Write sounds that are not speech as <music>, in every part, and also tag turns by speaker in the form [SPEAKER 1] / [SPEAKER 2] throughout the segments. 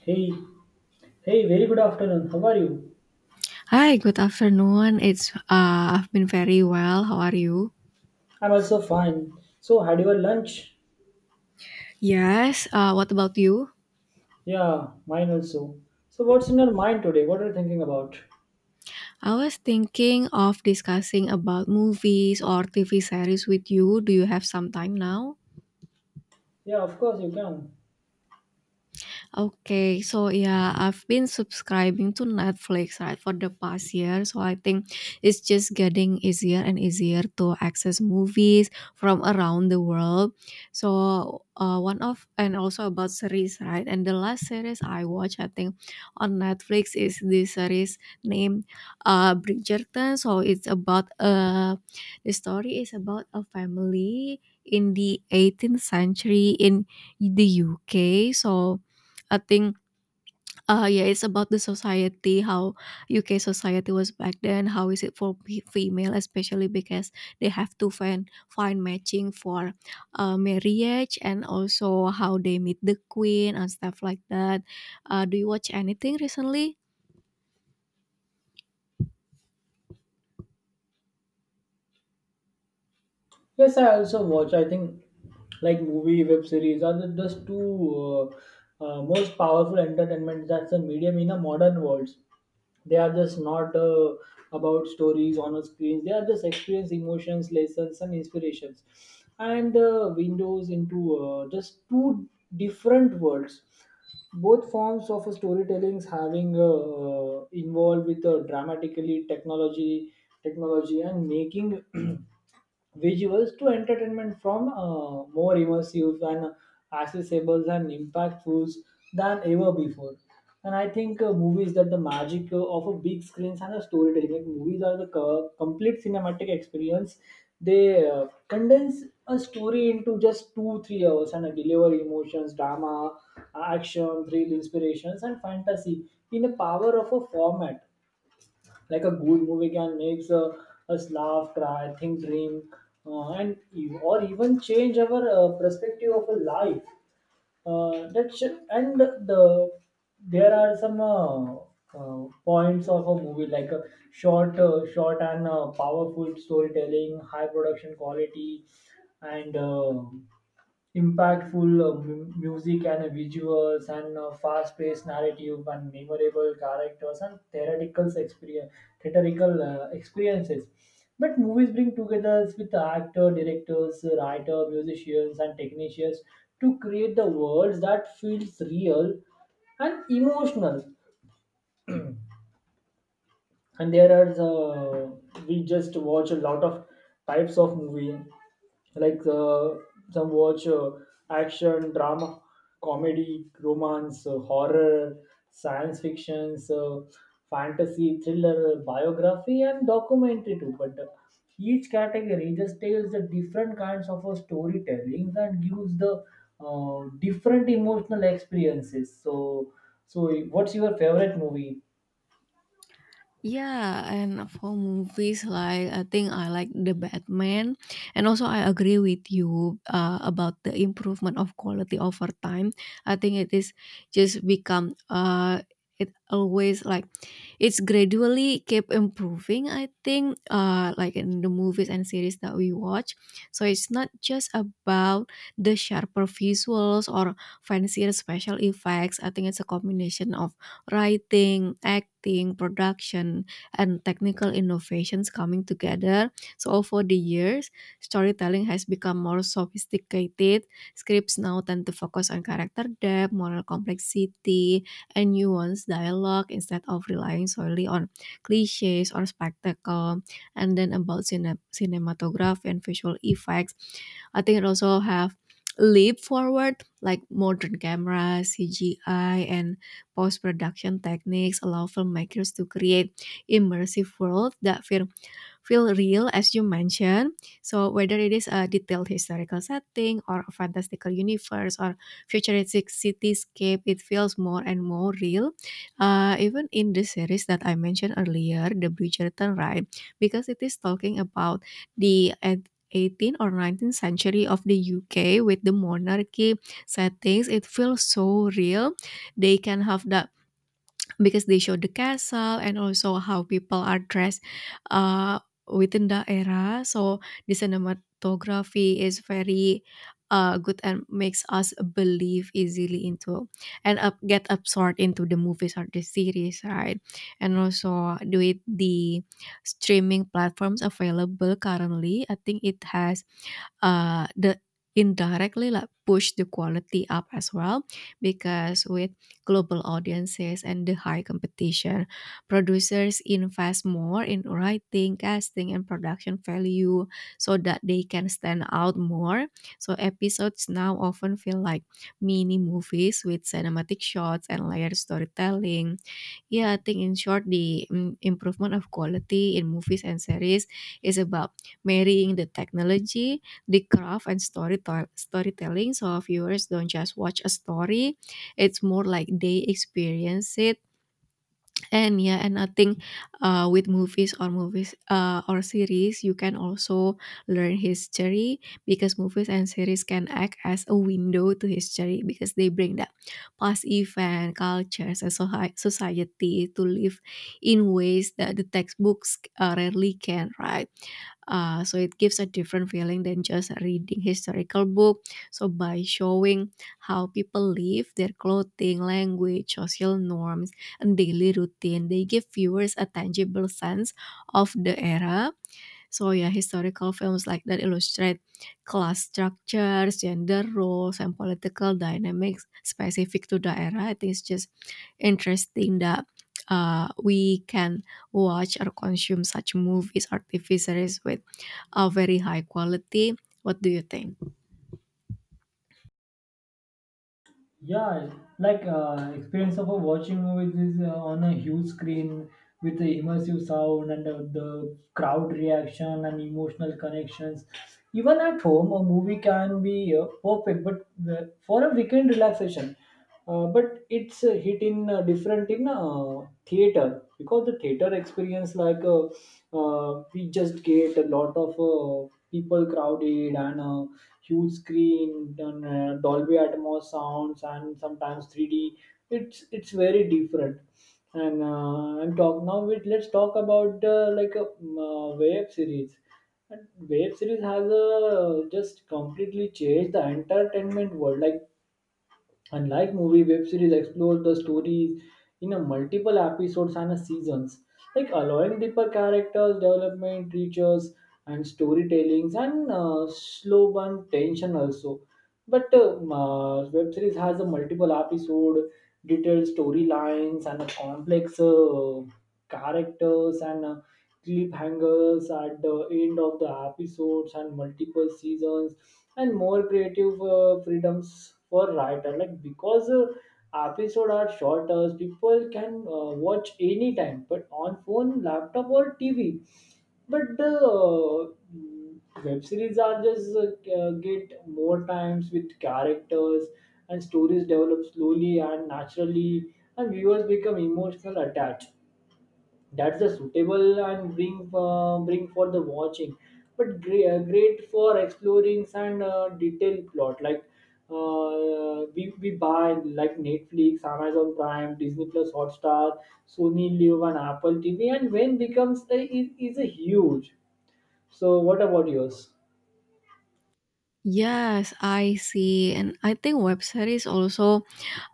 [SPEAKER 1] Hey, hey, very good afternoon. How are you?
[SPEAKER 2] Hi, good afternoon. It's I've been very well. How are you?
[SPEAKER 1] I'm also fine. So, had your lunch?
[SPEAKER 2] Yes. What about you?
[SPEAKER 1] Yeah, mine also. So, what's in your mind today? What are you thinking about?
[SPEAKER 2] I was thinking of discussing about movies or TV series with you. Do you have some time now?
[SPEAKER 1] Yeah, of course, you can.
[SPEAKER 2] Okay, so yeah, I've been subscribing to Netflix, right, for the past year. So I think it's just getting easier and easier to access movies from around the world. So one of and also about series, right? And the last series I watched, I think, on Netflix is this series named Bridgerton. So it's about the story is about a family in the 18th century in the UK. So I think, yeah, it's about the society, how UK society was back then. How is it for female, especially because they have to find matching for marriage and also how they meet the queen and stuff like that. Do you watch anything recently?
[SPEAKER 1] Yes, I also watch. I think like movie, web series are the just two most powerful entertainment that's a medium in a modern world. They are just not about stories on a screen. They are just experience, emotions, lessons, and inspirations, and windows into just two different worlds. Both forms of storytelling having involved with dramatically technology, and making <clears throat> visuals to entertainment from more immersive and accessible and impactful than ever before. And I think movies that the magic of a big screens and a storytelling, like movies are the complete cinematic experience. They condense a story into just two, 3 hours and deliver emotions, drama, action, thrill, inspirations, and fantasy in the power of a format like a good movie can make us laugh cry think dream, and or even change our perspective of a life, that should, and there are some points of a movie like a short and powerful storytelling high production quality and impactful music and visuals and fast-paced narrative and memorable characters and theoretical experience, theatrical experiences. But movies bring together with the actor, directors, writer, musicians, and technicians to create the worlds that feels real and emotional, and there are we just watch a lot of types of movie like some watch action drama comedy romance, horror science fictions, fantasy thriller biography and documentary too, but each category just tells the different kinds of a storytelling and gives the different emotional experiences. So, what's your favorite movie?
[SPEAKER 2] Yeah, and for movies, like, I think I like The Batman, and also I agree with you about the improvement of quality over time. I think it is just become it always like it's gradually kept improving, I think, like in the movies and series that we watch. So it's not just about the sharper visuals or fancier special effects. I think it's a combination of writing, acting, production, and technical innovations coming together. So over the years, storytelling has become more sophisticated. Scripts now tend to focus on character depth, moral complexity, and nuanced dialogue instead of relying solely on cliches or spectacle. And then about cinematography and visual effects, I think it also have leap forward, like modern cameras, CGI, and post production techniques allow filmmakers to create immersive world that feel real, as you mentioned. So whether it is a detailed historical setting or a fantastical universe or futuristic cityscape, it feels more and more real. Even in the series that I mentioned earlier, The Bridgerton, right? Because it is talking about the at 18th or 19th century of the UK with the monarchy settings, it feels so real. They can have the Because they show the castle and also how people are dressed uh, within the era. So the cinematography is very good and makes us believe easily into and up, get absorbed into the movies or the series, right? And also with the streaming platforms available currently, I think it has the indirectly like push the quality up as well, because with global audiences and the high competition, producers invest more in writing, casting, and production value so that they can stand out more. So episodes now often feel like mini movies with cinematic shots and layered storytelling. Yeah, I think in short, the improvement of quality in movies and series is about marrying the technology, the craft, and storytelling. So viewers don't just watch a story; it's more like they experience it. And yeah, and I think, with movies or movies or series, you can also learn history, because movies and series can act as a window to history because they bring that past event cultures and society to live in ways that the textbooks rarely can, right? So it gives a different feeling than just reading historical book. So by showing how people live, their clothing, language, social norms, and daily routine, they give viewers a tangible sense of the era. So yeah, historical films like that illustrate class structures, gender roles, and political dynamics specific to the era. I think it's just interesting that we can watch or consume such movies or TV series with a very high quality. What do you think?
[SPEAKER 1] Yeah, like experience of a watching movies is on a huge screen with the immersive sound and the crowd reaction and emotional connections. Even at home, a movie can be perfect, but for a weekend relaxation, but it's a hit in different in theater, because the theater experience like we just get a lot of people crowded and huge screen and Dolby Atmos sounds and sometimes 3D. It's very different. And I'm talk now with let's talk about like a web series. And web series has just completely changed the entertainment world. Like, unlike movie, web series explore the stories in a multiple episodes and a seasons, like allowing deeper characters development, features, and storytellings, and slow burn tension also. But web series has a multiple episode, detailed storylines, and a complex characters and cliffhangers at the end of the episodes and multiple seasons and more creative freedoms for writer, like because episodes are shorter, people can watch anytime but on phone, laptop or TV. But the web series are just get more times with characters and stories develop slowly and naturally, and viewers become emotional attached. That's the suitable and bring for the watching, but great, great for exploring and detailed plot like we buy like Netflix, Amazon Prime, Disney Plus Hotstar, Sony Live and Apple TV, and when becomes a, is a huge. So what about yours?
[SPEAKER 2] Yes, I see. And I think web series also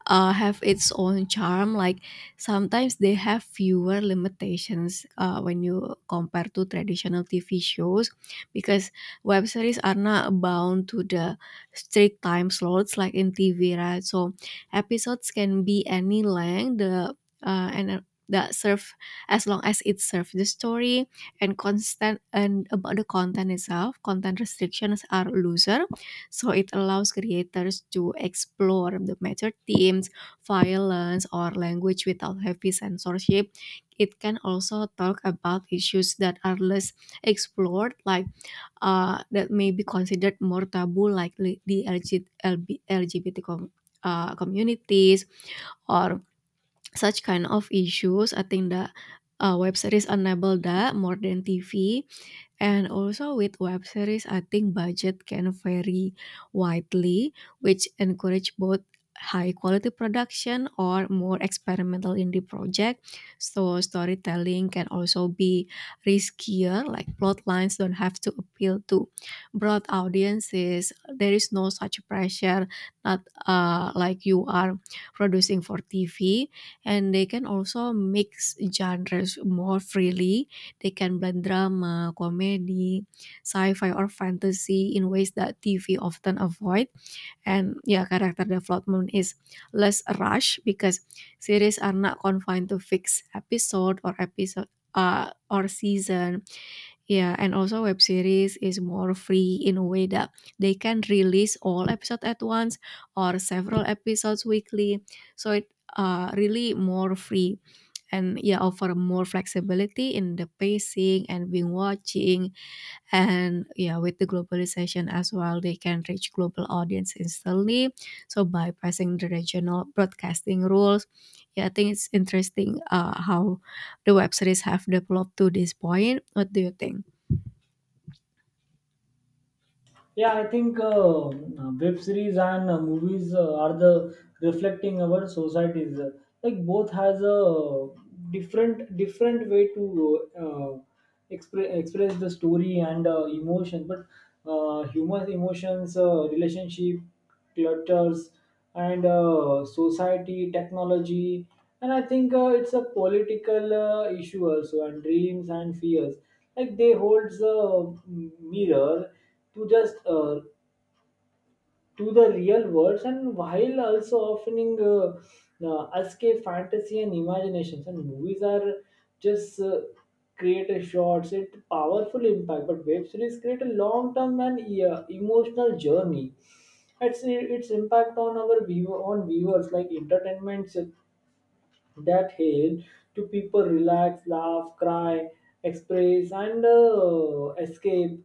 [SPEAKER 2] have its own charm. Like sometimes they have fewer limitations when you compare to traditional TV shows, because web series are not bound to the strict time slots like in TV, right? So episodes can be any length. The and that serve As long as it serves the story. And constant and About the content itself, content restrictions are looser, so it allows creators to explore the major themes, violence or language without heavy censorship. It can also talk about issues that are less explored, like that may be considered more taboo, like li- the LG lgbt com- uh, communities or such kind of issues. I think that web series enable that more than TV. And also with web series, I think budget can vary widely, which encourage both high quality production or more experimental indie project. So storytelling can also be riskier, like plot lines don't have to appeal to broad audiences. There is no such pressure, not like you are producing for TV. And they can also mix genres more freely. They can blend drama, comedy, sci-fi or fantasy in ways that TV often avoid. And yeah, character development is less rushed because series are not confined to fixed episode or season. Yeah, and also web series is more free in a way that they can release all episodes at once or several episodes weekly. So it really more free, and yeah, offer more flexibility in the pacing and being watching. And yeah, with the globalization as well, they can reach global audience instantly, so bypassing the regional broadcasting rules. Yeah, I think it's interesting how the web series have developed to this point. What do you think?
[SPEAKER 1] Yeah, I think web series and movies are the reflecting our societies. Like both has a different way to uh, express the story and emotion. But humans, emotions, relationship clutters and society technology, and I think it's a political issue also, and dreams and fears, like they holds a mirror to just to the real worlds, and while also offering escape fantasy and imaginations. And movies are just creative shots it powerful impact, but web series create a long term and emotional journey. Its impact on our viewer on viewers, like entertainment, that help to people relax, laugh, cry, express, and escape,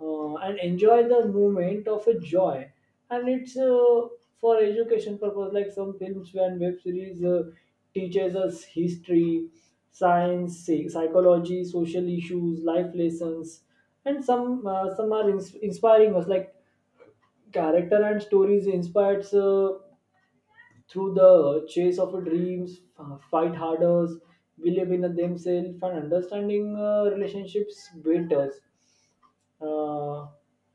[SPEAKER 1] and enjoy the moment of a joy. And it's for education purpose, like some films and web series teaches us history, science, psychology, social issues, life lessons, and some are inspiring us. Like character and stories inspires. Through the chase of your dreams, fight harder, believe in themselves, and understanding relationships better. Uh,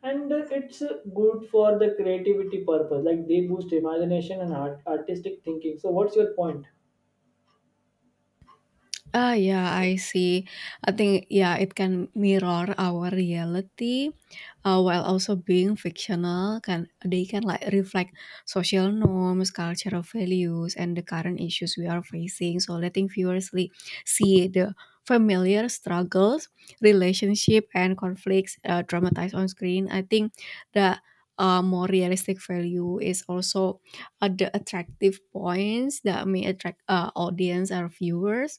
[SPEAKER 1] and it's good for the creativity purpose, like they boost imagination and artistic thinking. So, what's your point?
[SPEAKER 2] Ah, yeah, I see. I think, yeah, it can mirror our reality while also being fictional. Can like reflect social norms, cultural values, and the current issues we are facing. So letting viewers see the familiar struggles, relationship, and conflicts dramatized on screen. I think the more realistic value is also the attractive points that may attract audience or viewers.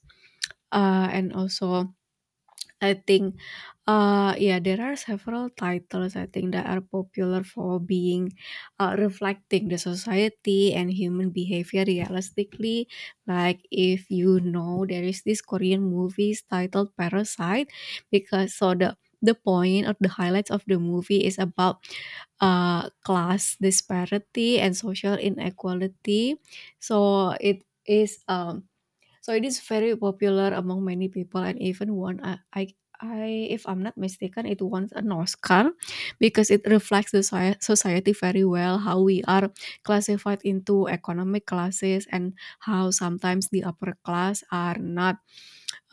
[SPEAKER 2] And also I think, yeah, there are several titles I think that are popular for being reflecting the society and human behavior realistically. Like, if you know, there is this Korean movies titled Parasite, because so the point or the highlights of the movie is about class disparity and social inequality. So it is. Um, So it is very popular among many people and even won a- I if I'm not mistaken, it won an Oscar because it reflects the society very well, how we are classified into economic classes, and how sometimes the upper class are not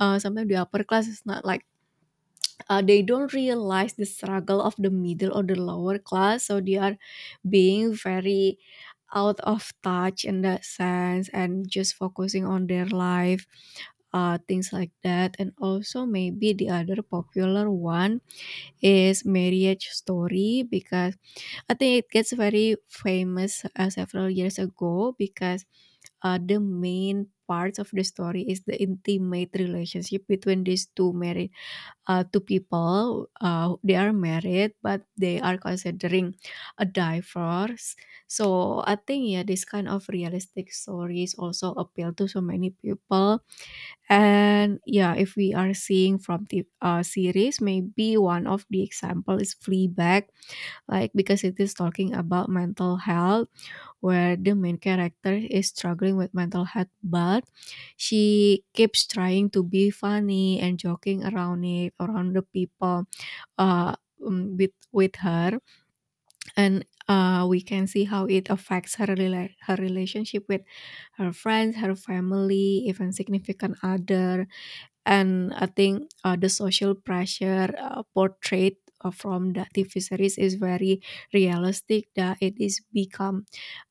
[SPEAKER 2] sometimes the upper class is not like they don't realize the struggle of the middle or the lower class, so they are being very out of touch in that sense and just focusing on their life things like that. And also, maybe the other popular one is Marriage Story, because I think it gets very famous several years ago, because the main parts of the story is the intimate relationship between these two married two people. They are married, but they are considering a divorce. So I think, yeah, this kind of realistic stories also appeal to so many people. And yeah, if we are seeing from the series, maybe one of the example is Fleabag, like, because it is talking about mental health, where the main character is struggling with mental health, but she keeps trying to be funny and joking around it, around the people uh, with her, and we can see how it affects her relationship with her friends, her family, even significant other, and I think the social pressure portrayed from the TV series is very realistic that it is become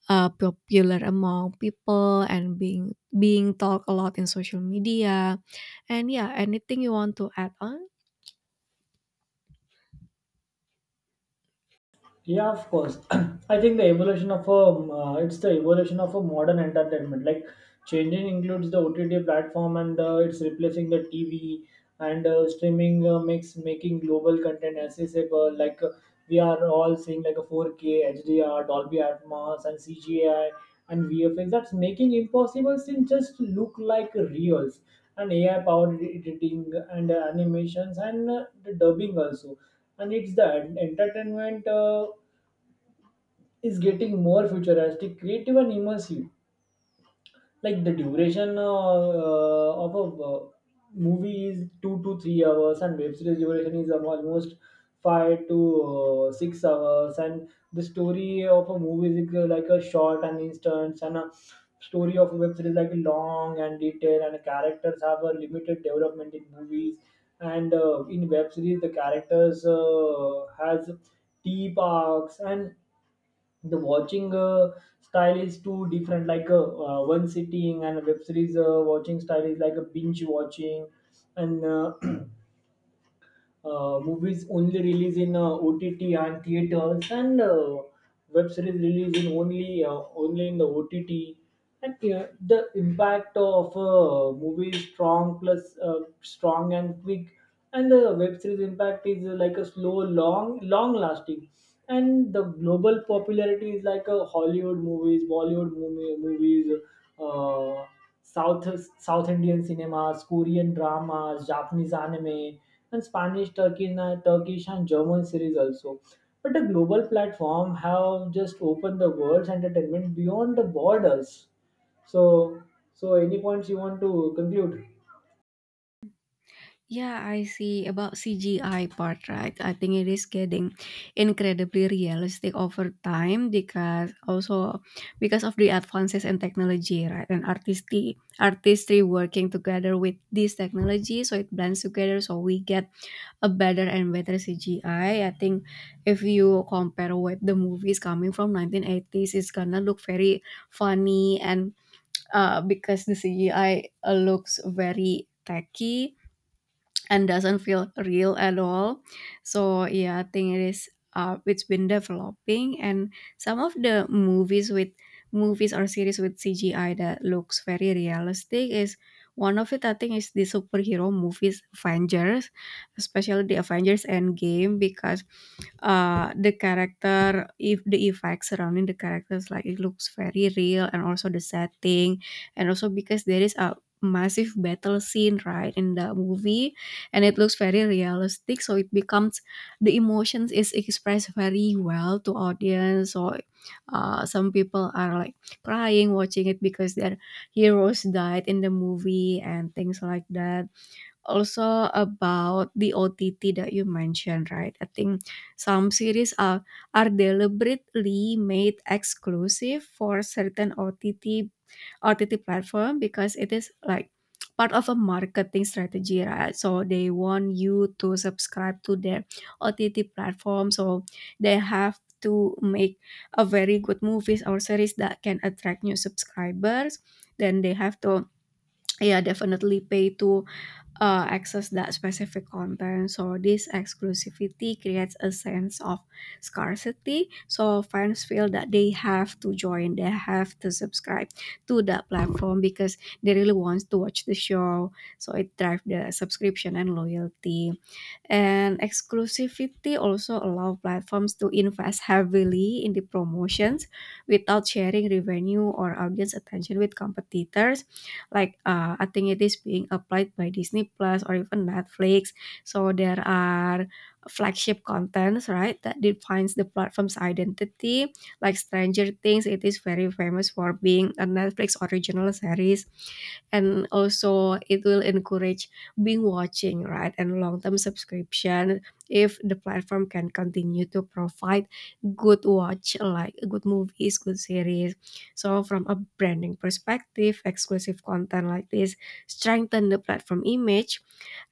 [SPEAKER 2] popular among people and being talked a lot in social media. And yeah, anything you want to add on?
[SPEAKER 1] Yeah, of course. <clears throat> I think the evolution of a it's the evolution of a modern entertainment, like changing includes the OTT platform and it's replacing the TV, and streaming makes making global content accessible, like we are all seeing like a 4K HDR Dolby Atmos and CGI and VFX that's making impossible things just look like reals, and AI powered editing and animations and the dubbing also. And it's the entertainment is getting more futuristic, creative, and immersive. Like the duration of a movie is 2 to 3 hours, and web series duration is almost 5 to 6 hours. And the story of a movie is like a short and instant, and a story of a web series like long and detailed, and characters have a limited development in movies. And in web series, the characters has deep arcs, and the watching style is too different, like one sitting, and a web series watching style is like a binge watching. And movies only release in OTT and theaters, and web series release in only in the OTT. And the impact of a movie is strong and quick, and the web series impact is like a slow, long lasting. And the global popularity is like a Hollywood movies, Bollywood movies, uh, South South Indian cinemas, Korean dramas, Japanese anime, and Spanish, Turkish, and German series also. But a global platform have just opened the world's entertainment beyond the borders. So, any points you want to conclude?
[SPEAKER 2] Yeah, I see about CGI part, right? I think it is getting incredibly realistic over time, because also because of the advances in technology, right? And artistry working together with this technology, so it blends together, so we get a better and better CGI. I think if you compare with the movies coming from 1980s, it's gonna look very funny and because the CGI looks very tacky and doesn't feel real at all. So yeah, I think it's been developing, and some of the movies with movies or series with CGI that looks very realistic is one of it. I think is the superhero movies Avengers, especially the Avengers Endgame, because the character, if the effects surrounding the characters, like, it looks very real, and also the setting, and also because there is a massive battle scene right in the movie, and it looks very realistic, so it becomes the emotions is expressed very well to audience. So some people are like crying watching it because their heroes died in the movie and things like that. Also about the OTT that you mentioned, right, I think some series are deliberately made exclusive for certain ott OTT platform, because it is like part of a marketing strategy, right? So they want you to subscribe to their OTT platform. So they have to make a very good movies or series that can attract new subscribers. Then they have to, yeah, definitely pay to access that specific content. So this exclusivity creates a sense of scarcity. So fans feel that they have to join, they have to subscribe to that platform because they really want to watch the show. So it drives the subscription and loyalty. And exclusivity also allow platforms to invest heavily in the promotions without sharing revenue or audience attention with competitors. Like, I think it is being applied by Disney Plus or even Netflix. So there are flagship contents, right, that defines the platform's identity. Like Stranger Things, it is very famous for being a Netflix original series, and also it will encourage being watching, right, and long-term subscription if the platform can continue to provide good watch, like good movies, good series. So from a branding perspective, exclusive content like this strengthen the platform image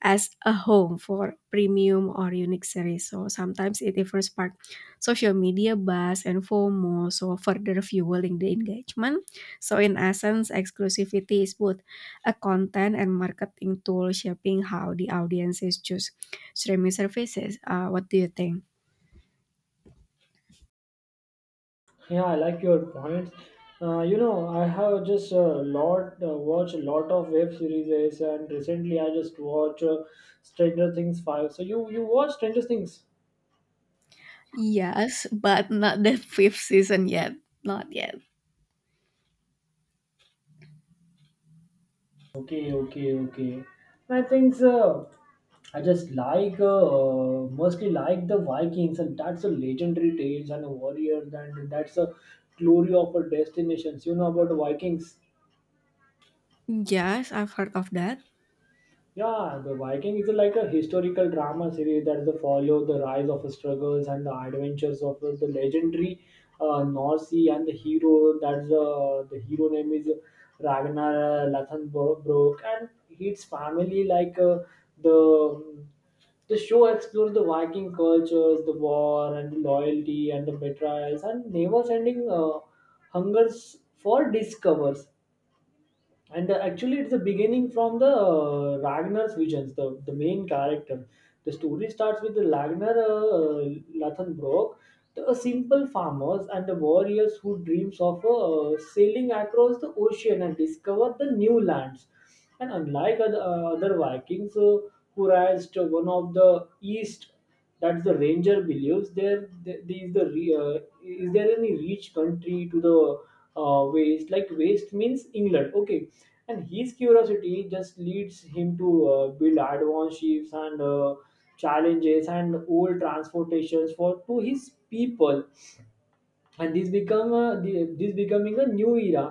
[SPEAKER 2] as a home for premium or unique series. So sometimes it even spark social media buzz and FOMO, so further fueling the engagement. So in essence, exclusivity is both a content and marketing tool shaping how the audiences choose streaming services. What do you think?
[SPEAKER 1] Yeah, I like your points. You know, I have just a lot watch a lot of web series, and recently I just watch Stranger Things 5. So you watch Stranger Things?
[SPEAKER 2] Yes, but not the fifth season yet. Not yet.
[SPEAKER 1] Okay, okay, okay. I think I just like mostly like the Vikings, and that's a legendary tales and a warriors, and that's a glory of our destinations. You know about the Vikings?
[SPEAKER 2] Yes, I've heard of that.
[SPEAKER 1] Yeah, the Viking is like a historical drama series that the follow the rise of struggles and the adventures of the legendary Norse sea and the hero. That's the hero name is Ragnar Lothbrok, and his family. Like the the show explores the Viking cultures, the war and the loyalty and the betrayals and never-ending hungers for discovers. And actually it's the beginning from the Ragnar's visions, the main character. The story starts with the Ragnar Lathenbrock, the, a simple farmers and the warriors who dreams of sailing across the ocean and discover the new lands. And unlike other Vikings who raised one of the east, that the Ranger believes there is is there any rich country to the waste, like waste means England. Okay. And his curiosity just leads him to build advanced ships and challenges and old transportations for to his people. And this this becoming a new era.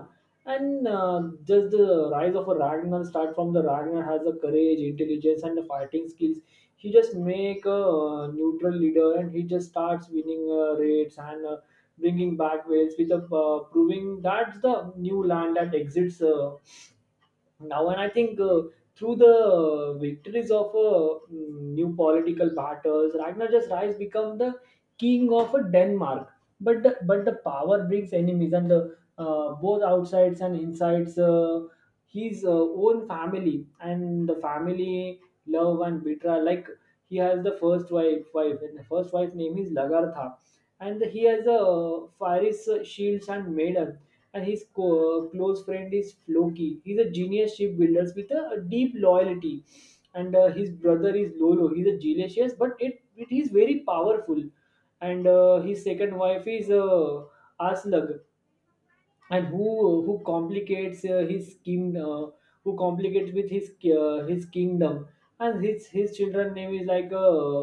[SPEAKER 1] And just the rise of a Ragnar start from the Ragnar has a courage intelligence and the fighting skills. He just make a neutral leader, and he just starts winning raids and bringing back whales with a proving that's the new land that exists now. And I think through the victories of new political battles, Ragnar just rise become the king of Denmark. But the power brings enemies and both outsides and insides, his own family and the family love and betrayal. Like he has the first wife, and the first wife name is Lagartha, and he has a Faris shields and Maiden, and his close friend is Floki. He's a genius shipbuilder with a deep loyalty, and his brother is Lolo. He's a jealous, but it is very powerful, and his second wife is Aslug, and who complicates his king who complicates with his kingdom. And his children name is like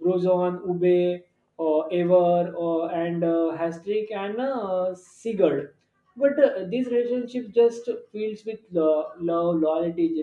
[SPEAKER 1] Brozon, Ube, or Ever, or and Hastrik, and Sigurd. But this relationship just fills with love, loyalty,